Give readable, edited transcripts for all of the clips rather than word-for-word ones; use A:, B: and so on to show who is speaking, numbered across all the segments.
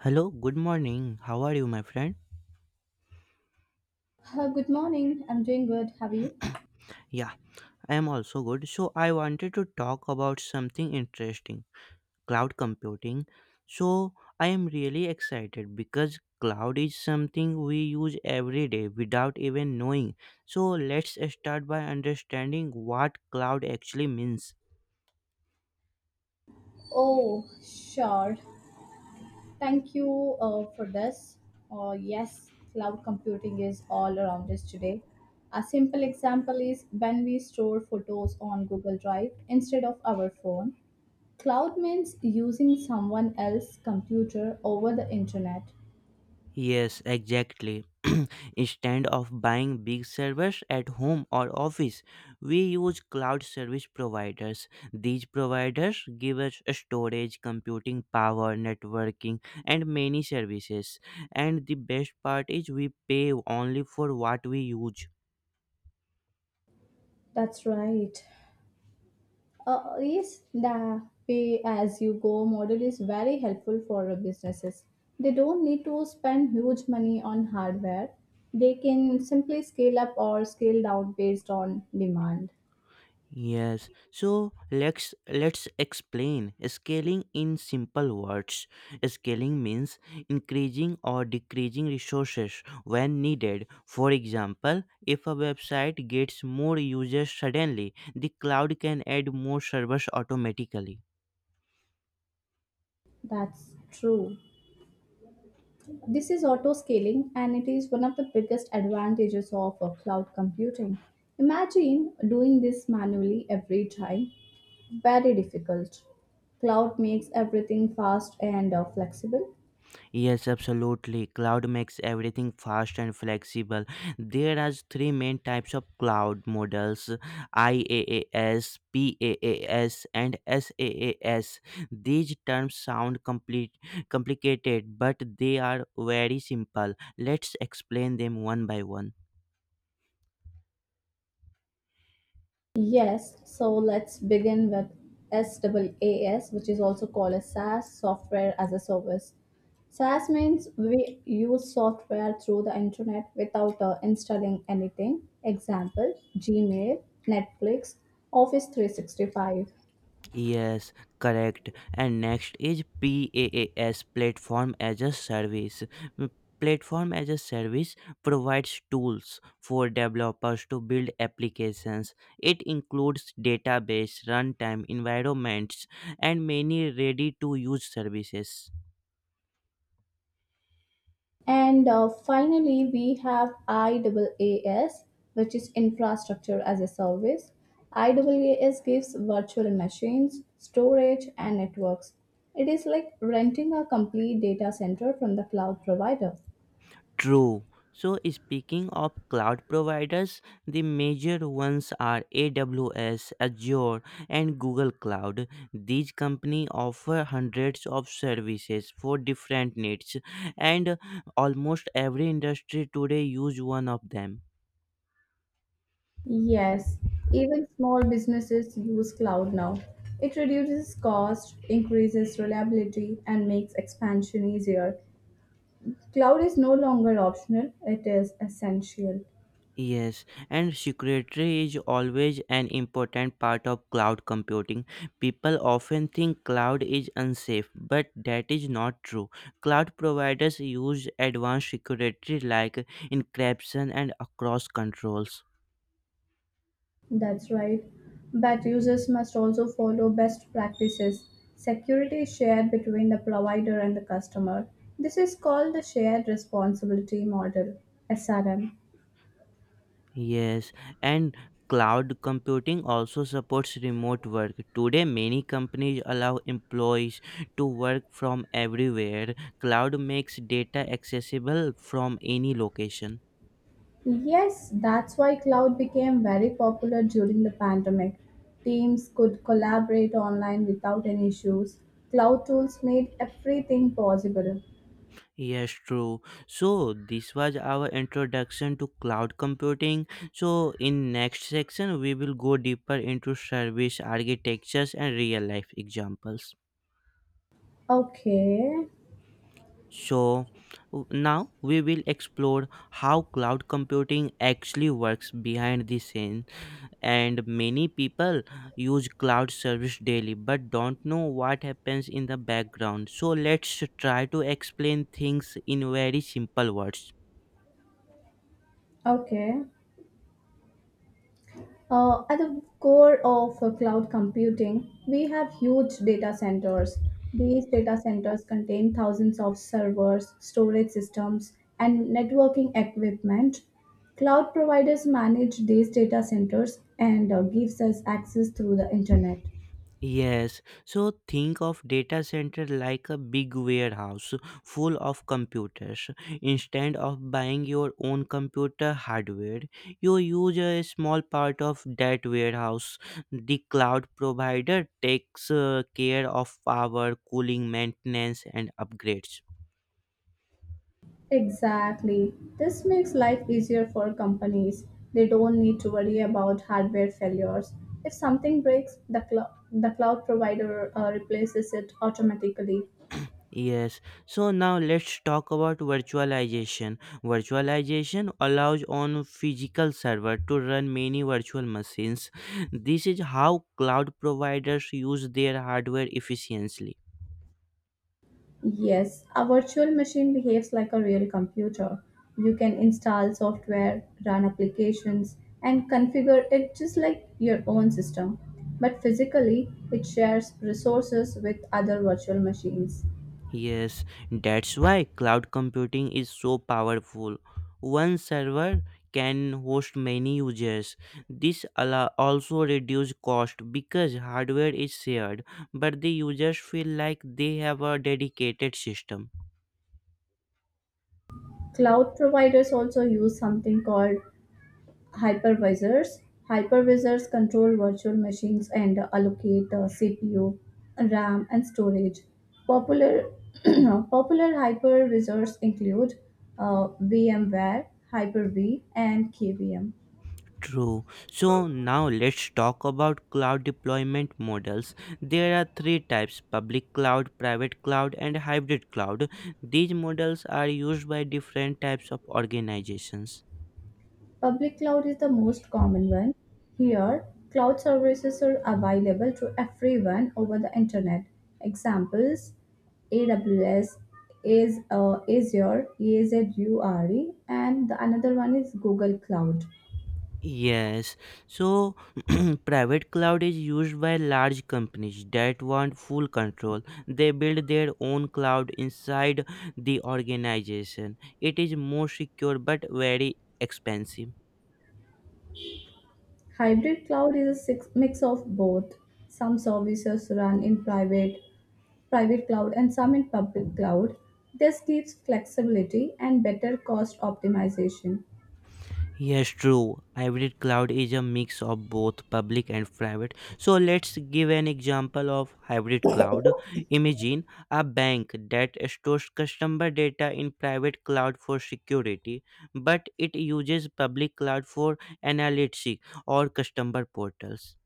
A: Hello, good morning. How are you, my friend?
B: Good morning. I'm doing good. Have you?
A: Yeah, I am also good. So, I wanted to talk about something interesting, cloud computing. So, I am really excited because cloud is something we use every day without even knowing. So, let's start by understanding what cloud actually means.
B: Oh, sure. Thank you for this. Yes, cloud computing is all around us today. A simple example is when we store photos on Google Drive instead of our phone. Cloud means using someone else's computer over the internet.
A: Yes, exactly. Instead of buying big servers at home or office, we use cloud service providers. These providers give us storage, computing power, networking, and many services. And the best part is we pay only for what we use.
B: That's right. Yes, the pay as you go model is very helpful for businesses. They don't need to spend huge money on hardware. They can simply scale up or scale down based on demand.
A: Yes, so let's explain scaling in simple words. Scaling means increasing or decreasing resources when needed. For example, if a website gets more users suddenly, the cloud can add more servers automatically.
B: That's true. This is auto scaling and it is one of the biggest advantages of cloud computing. Imagine doing this manually every time. Very difficult. Cloud makes everything fast and flexible.
A: Yes, absolutely. Cloud makes everything fast and flexible. There are three main types of cloud models: IaaS, PaaS, and SaaS. These terms sound complicated, but they are very simple. Let's explain them one by one.
B: Yes, so let's begin with SaaS, which is also called as SaaS, Software as a Service. SaaS means we use software through the internet without installing anything. Example, Gmail, Netflix, Office 365.
A: Yes, correct. And next is PaaS, platform as a service. Mm, Platform as a service provides tools for developers to build applications. It includes database, runtime, environments, and many ready to use services.
B: And finally, we have IaaS, which is Infrastructure as a Service. IaaS gives virtual machines, storage, and networks. It is like renting a complete data center from the cloud provider.
A: True. So, speaking of cloud providers, the major ones are AWS, Azure, and Google Cloud. These companies offer hundreds of services for different needs, and almost every industry today use one of them.
B: Yes, even small businesses use cloud now. It reduces cost, increases reliability, and makes expansion easier. Cloud is no longer optional, it is essential.
A: Yes, and security is always an important part of cloud computing. People often think cloud is unsafe, but that is not true. Cloud providers use advanced security like encryption and across controls.
B: That's right. But users must also follow best practices. Security is shared between the provider and the customer. This is called the shared responsibility model, SRM.
A: Yes, and cloud computing also supports remote work. Today, many companies allow employees to work from everywhere. Cloud makes data accessible from any location.
B: Yes, that's why cloud became very popular during the pandemic. Teams could collaborate online without any issues. Cloud tools made everything possible.
A: Yes, true. So this was our introduction to cloud computing. So in next section we will go deeper into service architectures and real life examples.
B: Okay,
A: So now we will explore how cloud computing actually works behind the scene, and many people use cloud service daily but don't know what happens in the background. So let's try to explain things in very simple words.
B: okay. At the core of cloud computing, we have huge data centers. These data centers contain thousands of servers, storage systems, and networking equipment. Cloud providers manage these data centers and gives us access through the internet.
A: Yes, so think of data center like a big warehouse full of computers. Instead of buying your own computer hardware, you use a small part of that warehouse. The cloud provider takes care of power, cooling, maintenance, and upgrades.
B: Exactly. This makes life easier for companies. They don't need to worry about hardware failures. If something breaks, the cloud provider replaces it automatically.
A: Yes, so now let's talk about virtualization. Virtualization allows on physical server to run many virtual machines. This is how cloud providers use their hardware efficiently.
B: Yes, a virtual machine behaves like a real computer. You can install software, run applications, and configure it just like your own system. But physically, it shares resources with other virtual machines.
A: Yes, that's why cloud computing is so powerful. One server can host many users. This allow also reduce cost because hardware is shared, but the users feel like they have a dedicated system.
B: Cloud providers also use something called hypervisors. Hypervisors control virtual machines and allocate CPU, RAM, and storage. Popular popular hypervisors include VMware, Hyper-V, and KVM.
A: True. So now let's talk about cloud deployment models. There are three types: public cloud, private cloud, and hybrid cloud. These models are used by different types of organizations.
B: Public cloud is the most common one. Here, cloud services are available to everyone over the internet. Examples: AWS is Azure, and the another one is Google Cloud.
A: Yes, so private cloud is used by large companies that want full control. They build their own cloud inside the organization. It is more secure but very expensive.
B: Hybrid cloud is a mix of both. Some services run in private cloud and some in public cloud. This gives flexibility and better cost optimization.
A: Yes, true. Hybrid cloud is a mix of both public and private. So let's give an example of hybrid cloud. Imagine a bank that stores customer data in private cloud for security, but it uses public cloud for analytics or customer portals.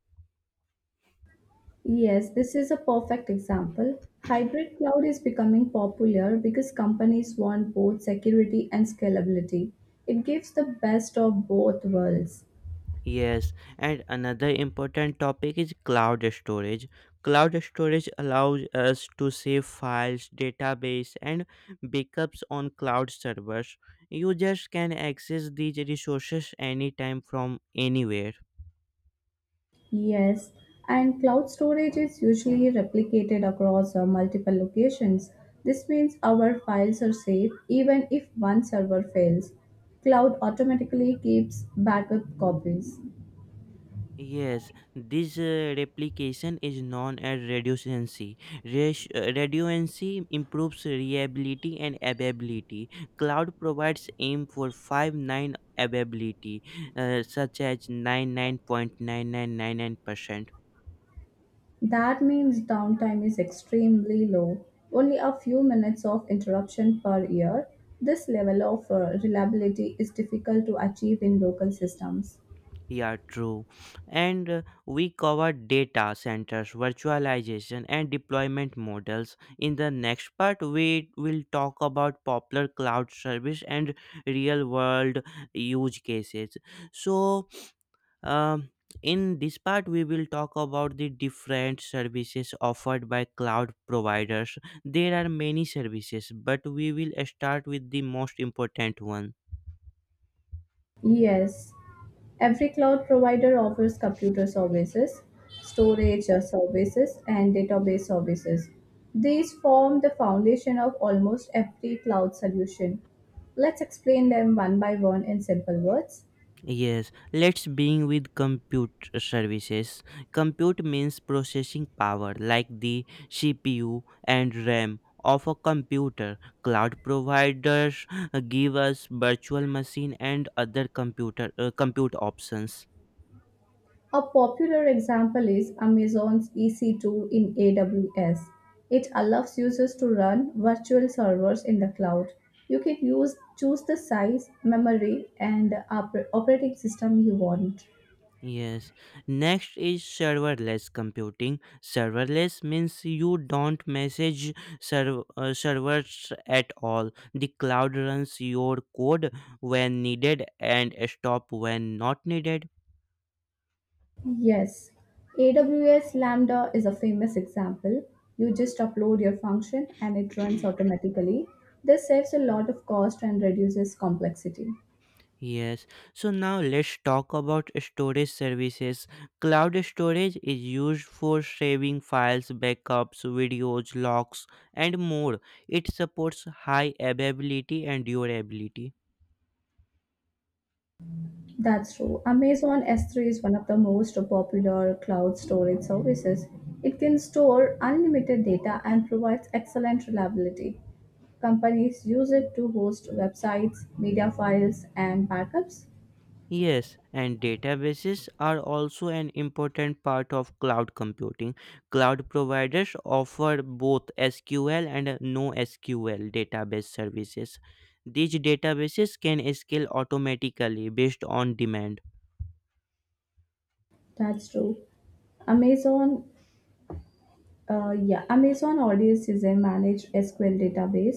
B: Yes, this is a perfect example. Hybrid cloud is becoming popular because companies want both security and scalability. It gives the best of both worlds.
A: Yes, and another important topic is cloud storage. Cloud storage allows us to save files, database, and backups on cloud servers. Users can access these resources anytime from anywhere.
B: Yes, and cloud storage is usually replicated across multiple locations. This means our files are safe even if one server fails. Cloud automatically keeps backup copies.
A: Yes, this replication is known as redundancy. Redundancy improves reliability and availability. Cloud provides AIM for 5 9 availability, such as 99.9999%.
B: That means downtime is extremely low, only a few minutes of interruption per year. This level of reliability is difficult to achieve in local systems.
A: Yeah, true. And we covered data centers, virtualization, and deployment models. In the next part, we will talk about popular cloud service and real world use cases. So, um, in this part, we will talk about the different services offered by cloud providers. There are many services, but we will start with the most important one.
B: Yes, every cloud provider offers computer services, storage services, and database services. These form the foundation of almost every cloud solution. Let's explain them one by one in simple words.
A: Yes, let's begin with compute services. Compute means processing power like the CPU and RAM of a computer. Cloud providers give us virtual machine and other compute options.
B: A popular example is Amazon's EC2 in AWS. It allows users to run virtual servers in the cloud. You can use choose the size, memory, and operating system you want.
A: Yes. Next is serverless computing. Serverless means you don't message servers at all. The cloud runs your code when needed and stop when not needed.
B: Yes, AWS Lambda is a famous example. You just upload your function and it runs automatically. This saves a
A: Mm.
B: lot of cost and reduces complexity.
A: Yes. So now let's talk about storage services. Cloud storage is used for saving files, backups, videos, logs, and more. It supports high availability and durability.
B: That's true. Amazon S3 is one of the most popular cloud storage services. It can store unlimited data and provides excellent reliability. Companies use it to host websites, media files, and backups.
A: Yes, and databases are also an important part of cloud computing. Cloud providers offer both SQL and NoSQL database services. These databases can scale automatically based on demand.
B: That's true. Amazon yeah, Amazon Audience is a managed SQL database.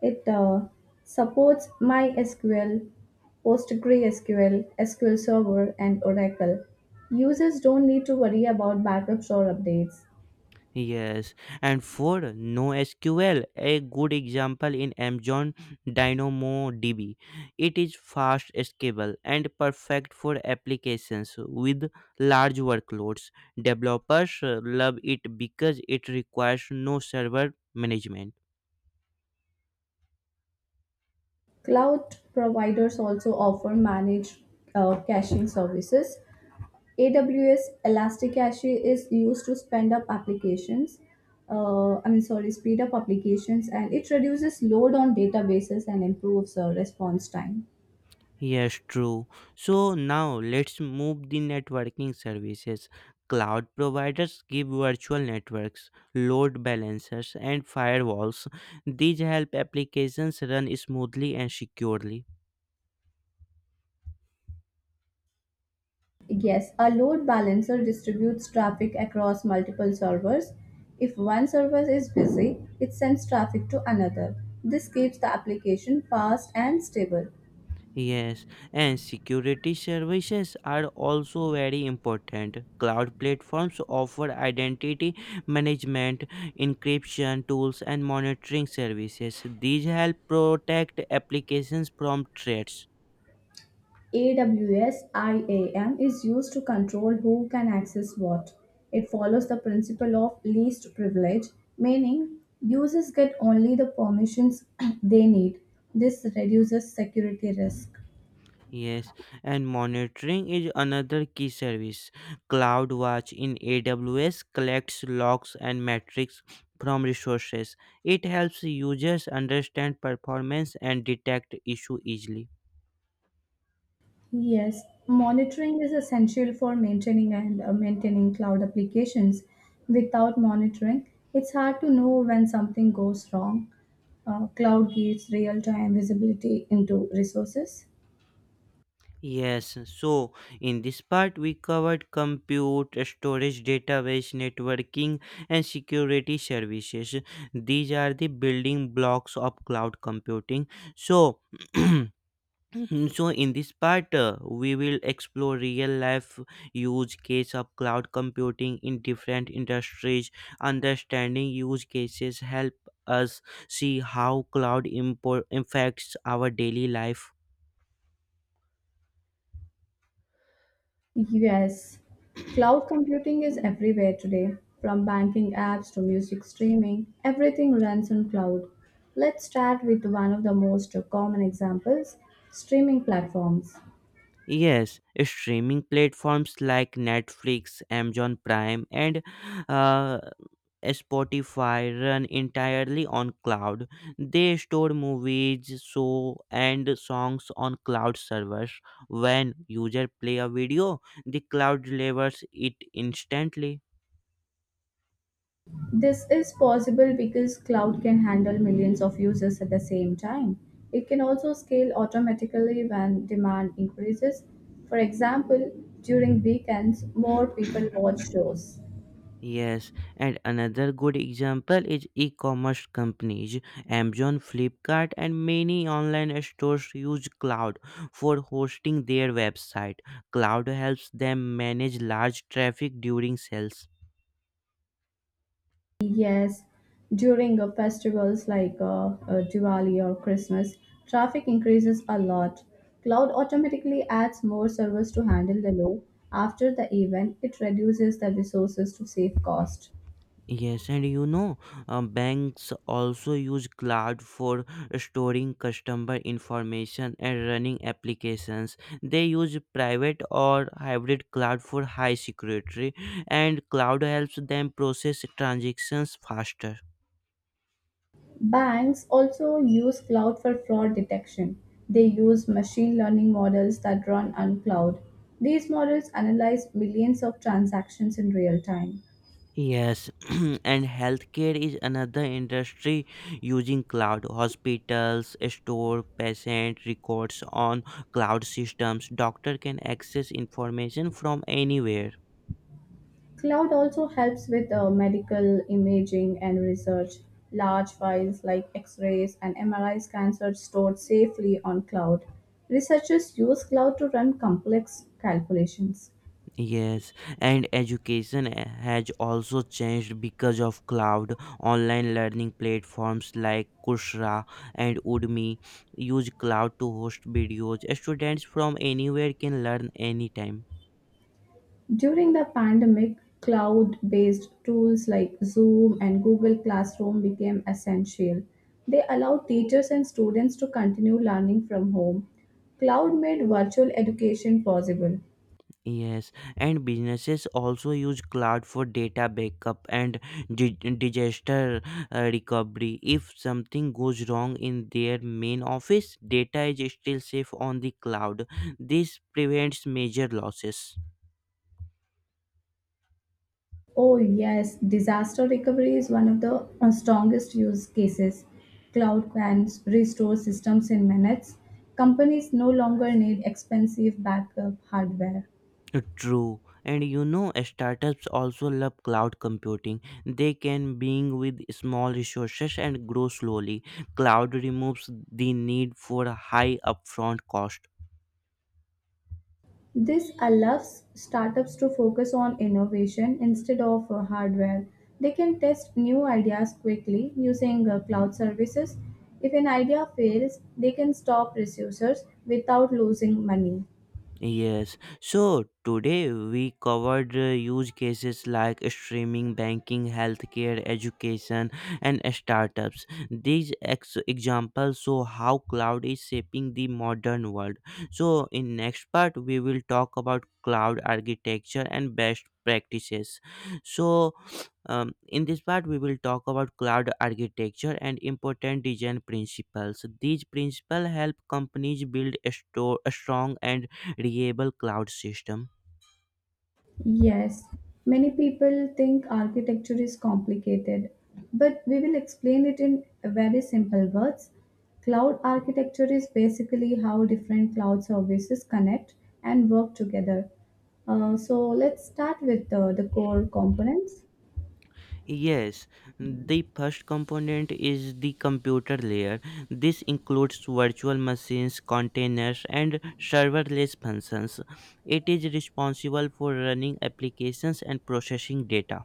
B: It supports MySQL, PostgreSQL, SQL Server, and Oracle. Users don't need to worry about backups or updates.
A: Yes, and for NoSQL, a good example in Amazon DynamoDB. It is fast scalable and perfect for applications with large workloads. Developers love it because it requires no server management.
B: Cloud providers also offer managed caching services. AWS Elastic Cache is used to spend up applications. I mean, sorry, speed up applications, and it reduces load on databases and improves response time.
A: Yes, true. So now let's move the networking services. Cloud providers give virtual networks, load balancers, and firewalls. These help applications run smoothly and securely.
B: Yes, a load balancer distributes traffic across multiple servers. If one server is busy, it sends traffic to another. This keeps the application fast and stable.
A: Yes, and security services are also very important. Cloud platforms offer identity management, encryption tools, and monitoring services. These help protect applications from threats.
B: AWS-IAM is used to control who can access what. It follows the principle of least privilege, meaning users get only the permissions they need. This reduces security risk.
A: Yes, and monitoring is another key service. CloudWatch in AWS collects logs and metrics from resources. It helps users understand performance and detect issue easily.
B: Yes, monitoring is essential for maintaining cloud applications. Without monitoring, it's hard to know when something goes wrong. Cloud gives real-time visibility into resources.
A: Yes, so in this part we covered compute, storage, database, networking and security services. These are the building blocks of cloud computing. So Mhm. So, in this part, we will explore real life use case of cloud computing in different industries. Understanding use cases help us see how cloud impacts our daily life.
B: Yes, cloud computing is everywhere today. From banking apps to music streaming, everything runs on cloud. Let's start with one of the most common examples: streaming platforms.
A: Yes, streaming platforms like Netflix, Amazon Prime, and uh, Spotify run entirely on cloud. They store movies, show, and songs on cloud servers. When user play a video, the cloud delivers it instantly.
B: This is possible because cloud can handle millions of users at the same time. It can also scale automatically when demand increases. For example, during weekends, more people watch shows.
A: Yes, and another good example is e-commerce companies. Amazon, Flipkart, and many online stores use cloud for hosting their website. Cloud helps them manage large traffic during sales.
B: Yes, during festivals like Diwali or Christmas, traffic increases a lot. Cloud automatically adds more servers to handle the load. After the event, it reduces the resources to save cost.
A: Yes, and you know, banks also use cloud for storing customer information and running applications. They use private or hybrid cloud for high security, and cloud helps them process transactions faster.
B: Banks also use cloud for fraud detection. They use machine learning models that run on cloud. These models analyze millions of transactions in real time.
A: Yes, and healthcare is another industry using cloud. Hospitals store patient records on cloud systems. Doctor can access information from anywhere.
B: Cloud also helps with medical imaging and research. Large files like X rays and MRI scans are stored safely on cloud. Researchers use cloud to run complex calculations.
A: Yes, and education has also changed because of cloud. Online learning platforms like Coursera and Udemy use cloud to host videos. Students from anywhere can learn anytime.
B: During the pandemic, cloud based tools like Zoom and Google Classroom became essential. They allowed teachers and students to continue learning from home. Cloud made virtual education possible.
A: Yes, and businesses also use cloud for data backup and disaster recovery. If something goes wrong in their main office, data is still safe on the cloud. This prevents major losses.
B: Oh, yes, disaster recovery is one of the strongest use cases. Cloud can restore systems in minutes. Companies no longer need expensive backup hardware.
A: True, and you know, startups also love cloud computing. They can being with small resources and grow slowly. Cloud removes the need for a high upfront cost.
B: This allows startups to focus on innovation instead of hardware. They can test new ideas quickly using cloud services. If an idea fails, they can stop resources without losing money.
A: Yes. So today we covered use cases like streaming, banking, healthcare, education, and startups. These examples show how cloud is shaping the modern world. So in next part we will talk about cloud architecture and best practices. So in this part we will talk about cloud architecture and important design principles. These principles help companies build a, store, a strong and reliable cloud system.
B: Yes, many people think architecture is complicated, but we will explain it in very simple words. Cloud architecture is basically how different cloud services connect and work together. So let's start with the core components.
A: Yes, the first component is the computer layer. This includes virtual machines, containers, and serverless functions. It is responsible for running applications and processing data.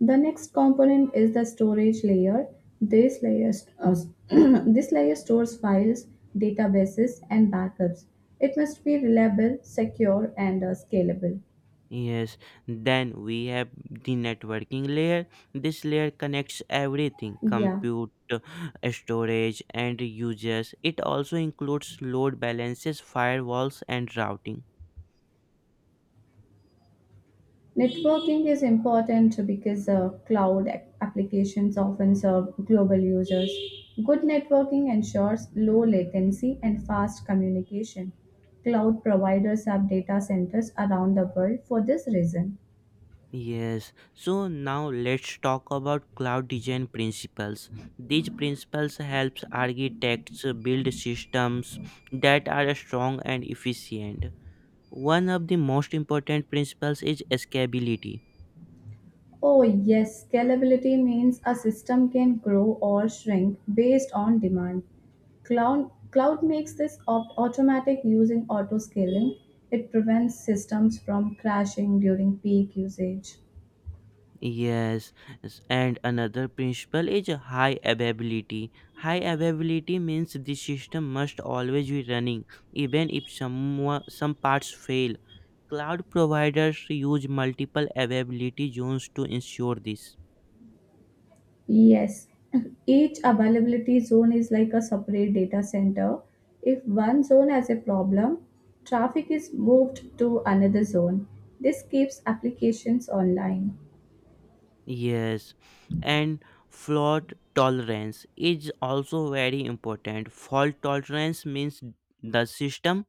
B: The next component is the storage layer. This layer, this layer stores files, databases, and backups. It must be reliable, secure, and scalable.
A: Yes, then we have the networking layer. This layer connects everything:
B: Yeah.
A: compute, storage, and users. It also includes load balances, firewalls, and routing.
B: Networking is important because cloud applications often serve global users. Good networking ensures low latency and fast communication. Cloud providers have data centers around the world for this reason.
A: Yes, so now let's talk about cloud design principles. These principles helps architects build systems that are strong and efficient. One of the most important principles is scalability.
B: Oh, yes, scalability means a system can grow or shrink based on demand. Cloud makes this automatic using auto scaling. It prevents systems from crashing during peak usage.
A: Yes, and another principle is high availability. High availability means the system must always be running, even if some parts fail. Cloud providers use multiple availability zones to ensure this.
B: Yes, each availability zone is like a separate data center. If one zone has a problem, traffic is moved to another zone. This keeps applications online.
A: Yes, and fault tolerance is also very important. Fault tolerance means the system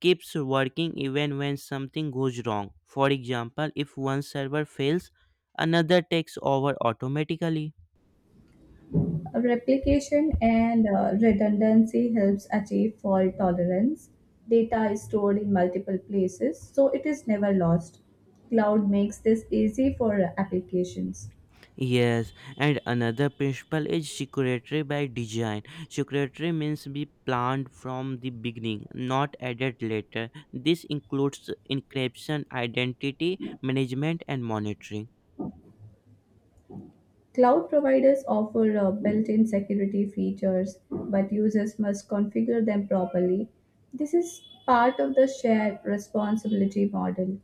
A: keeps working even when something goes wrong. For example, if one server fails, another takes over automatically.
B: Replication and redundancy helps achieve fault tolerance. Data is stored in multiple places, so it is never lost. Cloud makes this easy for applications.
A: Yes, and another principle is security by design. Security means be planned from the beginning, not added later. This includes encryption, identity management, and monitoring.
B: Cloud providers offer built-in security features, but users must configure them properly. This is part of the shared responsibility model.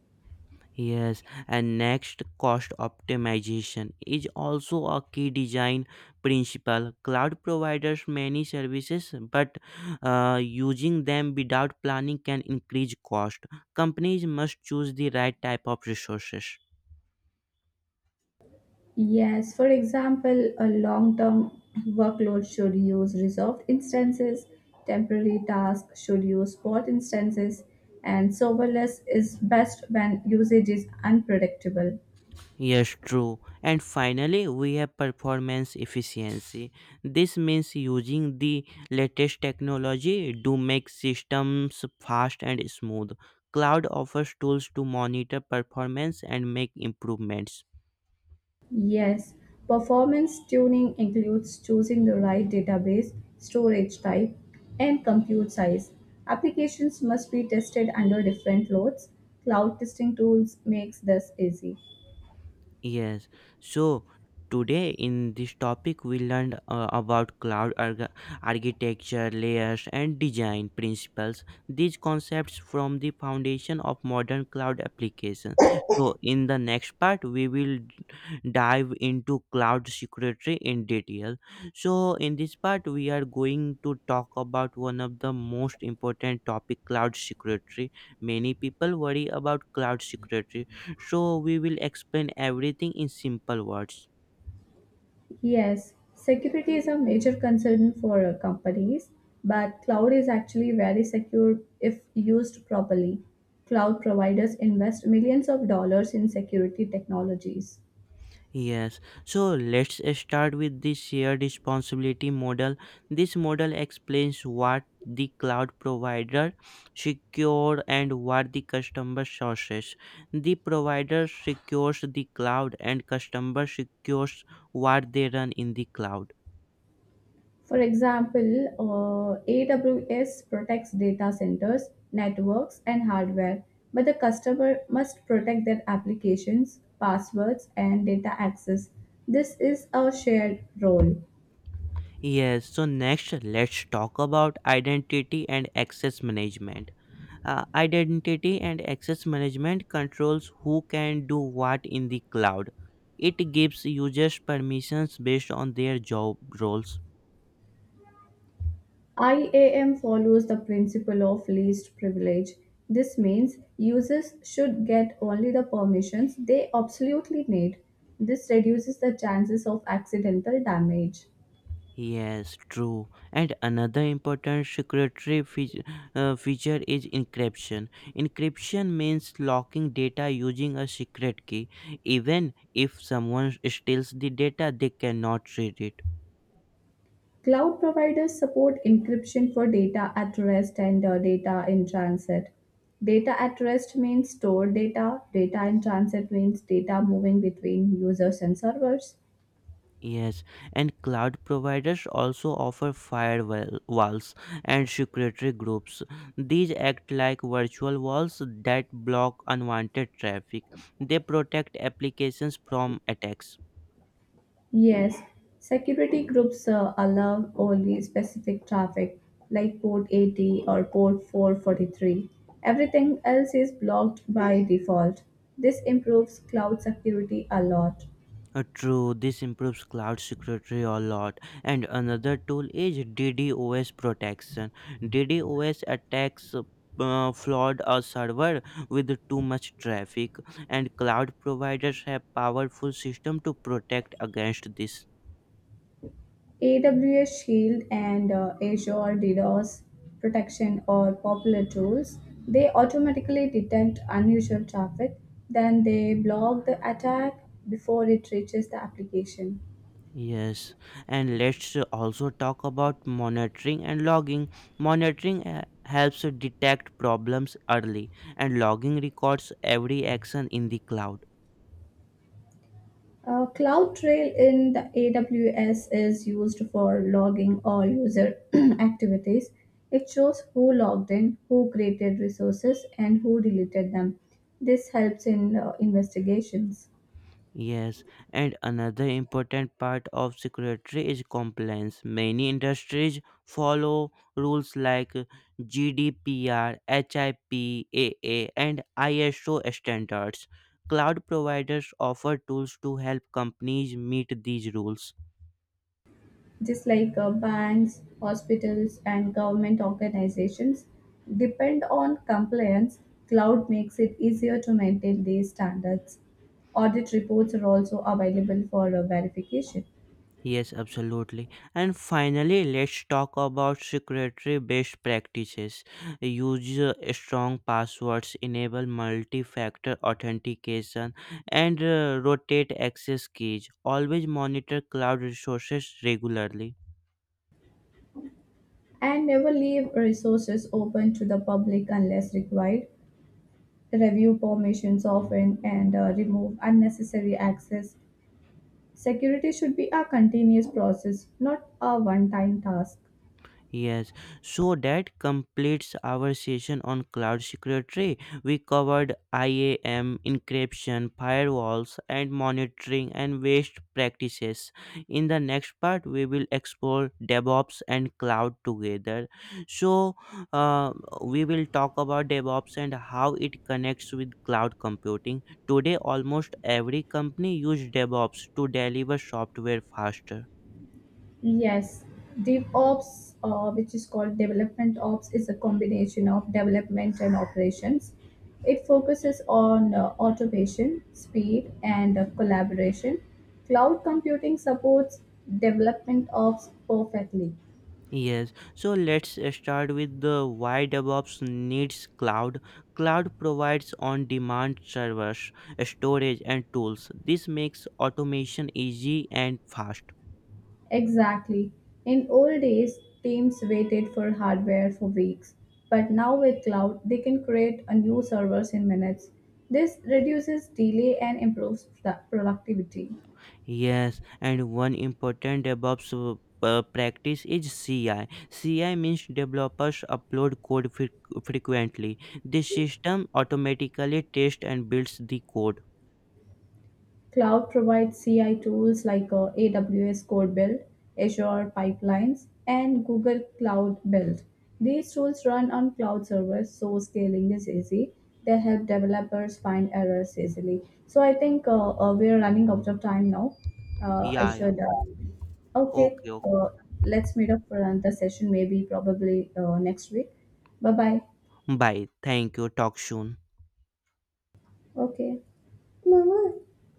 A: Yes, and next, cost optimization is also a key design principle. Cloud providers many services, but using them without planning can increase cost. Companies must choose the right type of resources.
B: Yes, for example, a long term workload should use reserved instances, temporary tasks should use spot instances, and serverless is best when usage is unpredictable.
A: Yes, true. And finally, we have performance efficiency. This means using the latest technology to make systems fast and smooth. Cloud offers tools to monitor performance and make improvements.
B: Yes, performance tuning includes choosing the right database, storage type, and compute size. Applications must be tested under different loads. Cloud testing tools makes this easy.
A: Yes. So today in this topic we learned about cloud architecture, layers and design principles. These concepts from the foundation of modern cloud application. So in the next part we will dive into cloud security in detail. So in this part we are going to talk about one of the most important topic, cloud security. Many people worry about cloud security, so we will explain everything in simple words.
B: Yes, security is a major concern for companies, but cloud is actually very secure if used properly. Cloud providers invest millions of dollars in security technologies.
A: Yes, so let's start with the shared responsibility model. This model explains what the cloud provider secure and what the customer sources. The provider secures the cloud and customer secures what they run in the cloud.
B: For example, AWS protects data centers, networks, and hardware, but the customer must protect their applications, passwords, and data access. This is a shared role.
A: Yes, so next let's talk about identity and access management. Identity and access management controls who can do what in the cloud. It gives users permissions based on their job roles.
B: IAM follows the principle of least privilege. This means users should get only the permissions they absolutely need. This reduces the chances of accidental damage.
A: Yes, true. And another important security feature is encryption. Encryption means locking data using a secret key. Even if someone steals the data, they cannot read it.
B: Cloud providers support encryption for data at rest and data in transit. Data at rest means stored data, data in transit means data moving between users and servers.
A: Yes, and cloud providers also offer firewall walls and security groups. These act like virtual walls that block unwanted traffic. They protect applications from attacks.
B: Yes, security groups allow only specific traffic like port 80 or port 443. Everything else is blocked by default. This improves cloud security a lot.
A: True, this improves cloud security a lot. And another tool is DDoS protection. DDoS attacks flood a server with too much traffic, and cloud providers have powerful system to protect against this.
B: AWS Shield and Azure DDoS protection are popular tools. They automatically detect unusual traffic, then they block the attack before it reaches the application.
A: Yes, and let's also talk about monitoring and logging. Monitoring helps detect problems early, and logging records every action in the cloud.
B: CloudTrail in the AWS is used for logging all user activities. It shows who logged in, who created resources, and who deleted them. This helps in investigations.
A: Yes, and another important part of security is compliance. Many industries follow rules like GDPR, HIPAA, and ISO standards. Cloud providers offer tools to help companies meet these rules.
B: Just like banks, hospitals, and government organizations, depend on compliance, cloud makes it easier to maintain these standards. Audit reports are also available for verification.
A: Yes, absolutely. And finally, let's talk about secretary best practices. Use strong passwords, enable multi factor authentication, and rotate access keys. Always monitor cloud resources regularly.
B: And never leave resources open to the public unless required. Review permissions often and remove unnecessary access. Security should be a continuous process, not a one time task.
A: Yes, so that completes our session on cloud security. We covered IAM, encryption, firewalls, and monitoring and waste practices. In the next part, we will explore DevOps and cloud together. So, uh, we will talk about DevOps and how it connects with cloud computing. Today, almost every company uses DevOps to deliver software faster.
B: Yes, DevOps, which is called Development Ops, is a combination of development and operations. It focuses on automation, speed, and collaboration. Cloud computing supports development ops perfectly.
A: Yes, so let's start with the why DevOps needs cloud. Cloud provides on demand servers, storage, and tools. This makes automation easy and fast.
B: Exactly. In old days, teams waited for hardware for weeks, but now with cloud, they can create a new servers in minutes. This reduces delay and improves productivity.
A: Yes, and one important DevOps practice is CI. CI means developers upload code frequently. The system automatically tests and builds the code.
B: Cloud provides CI tools like AWS Code Build, Azure Pipelines, and Google Cloud Build. These tools run on cloud servers, so scaling is easy. They help developers find errors easily. So I think we are running out of time now. I
A: Yeah, yeah.
B: should. Uh, okay,
A: Okay, okay.
B: uh, let's meet up for another session, maybe probably next week. Bye bye.
A: Bye. Thank you. Talk soon.
B: Okay. Mama,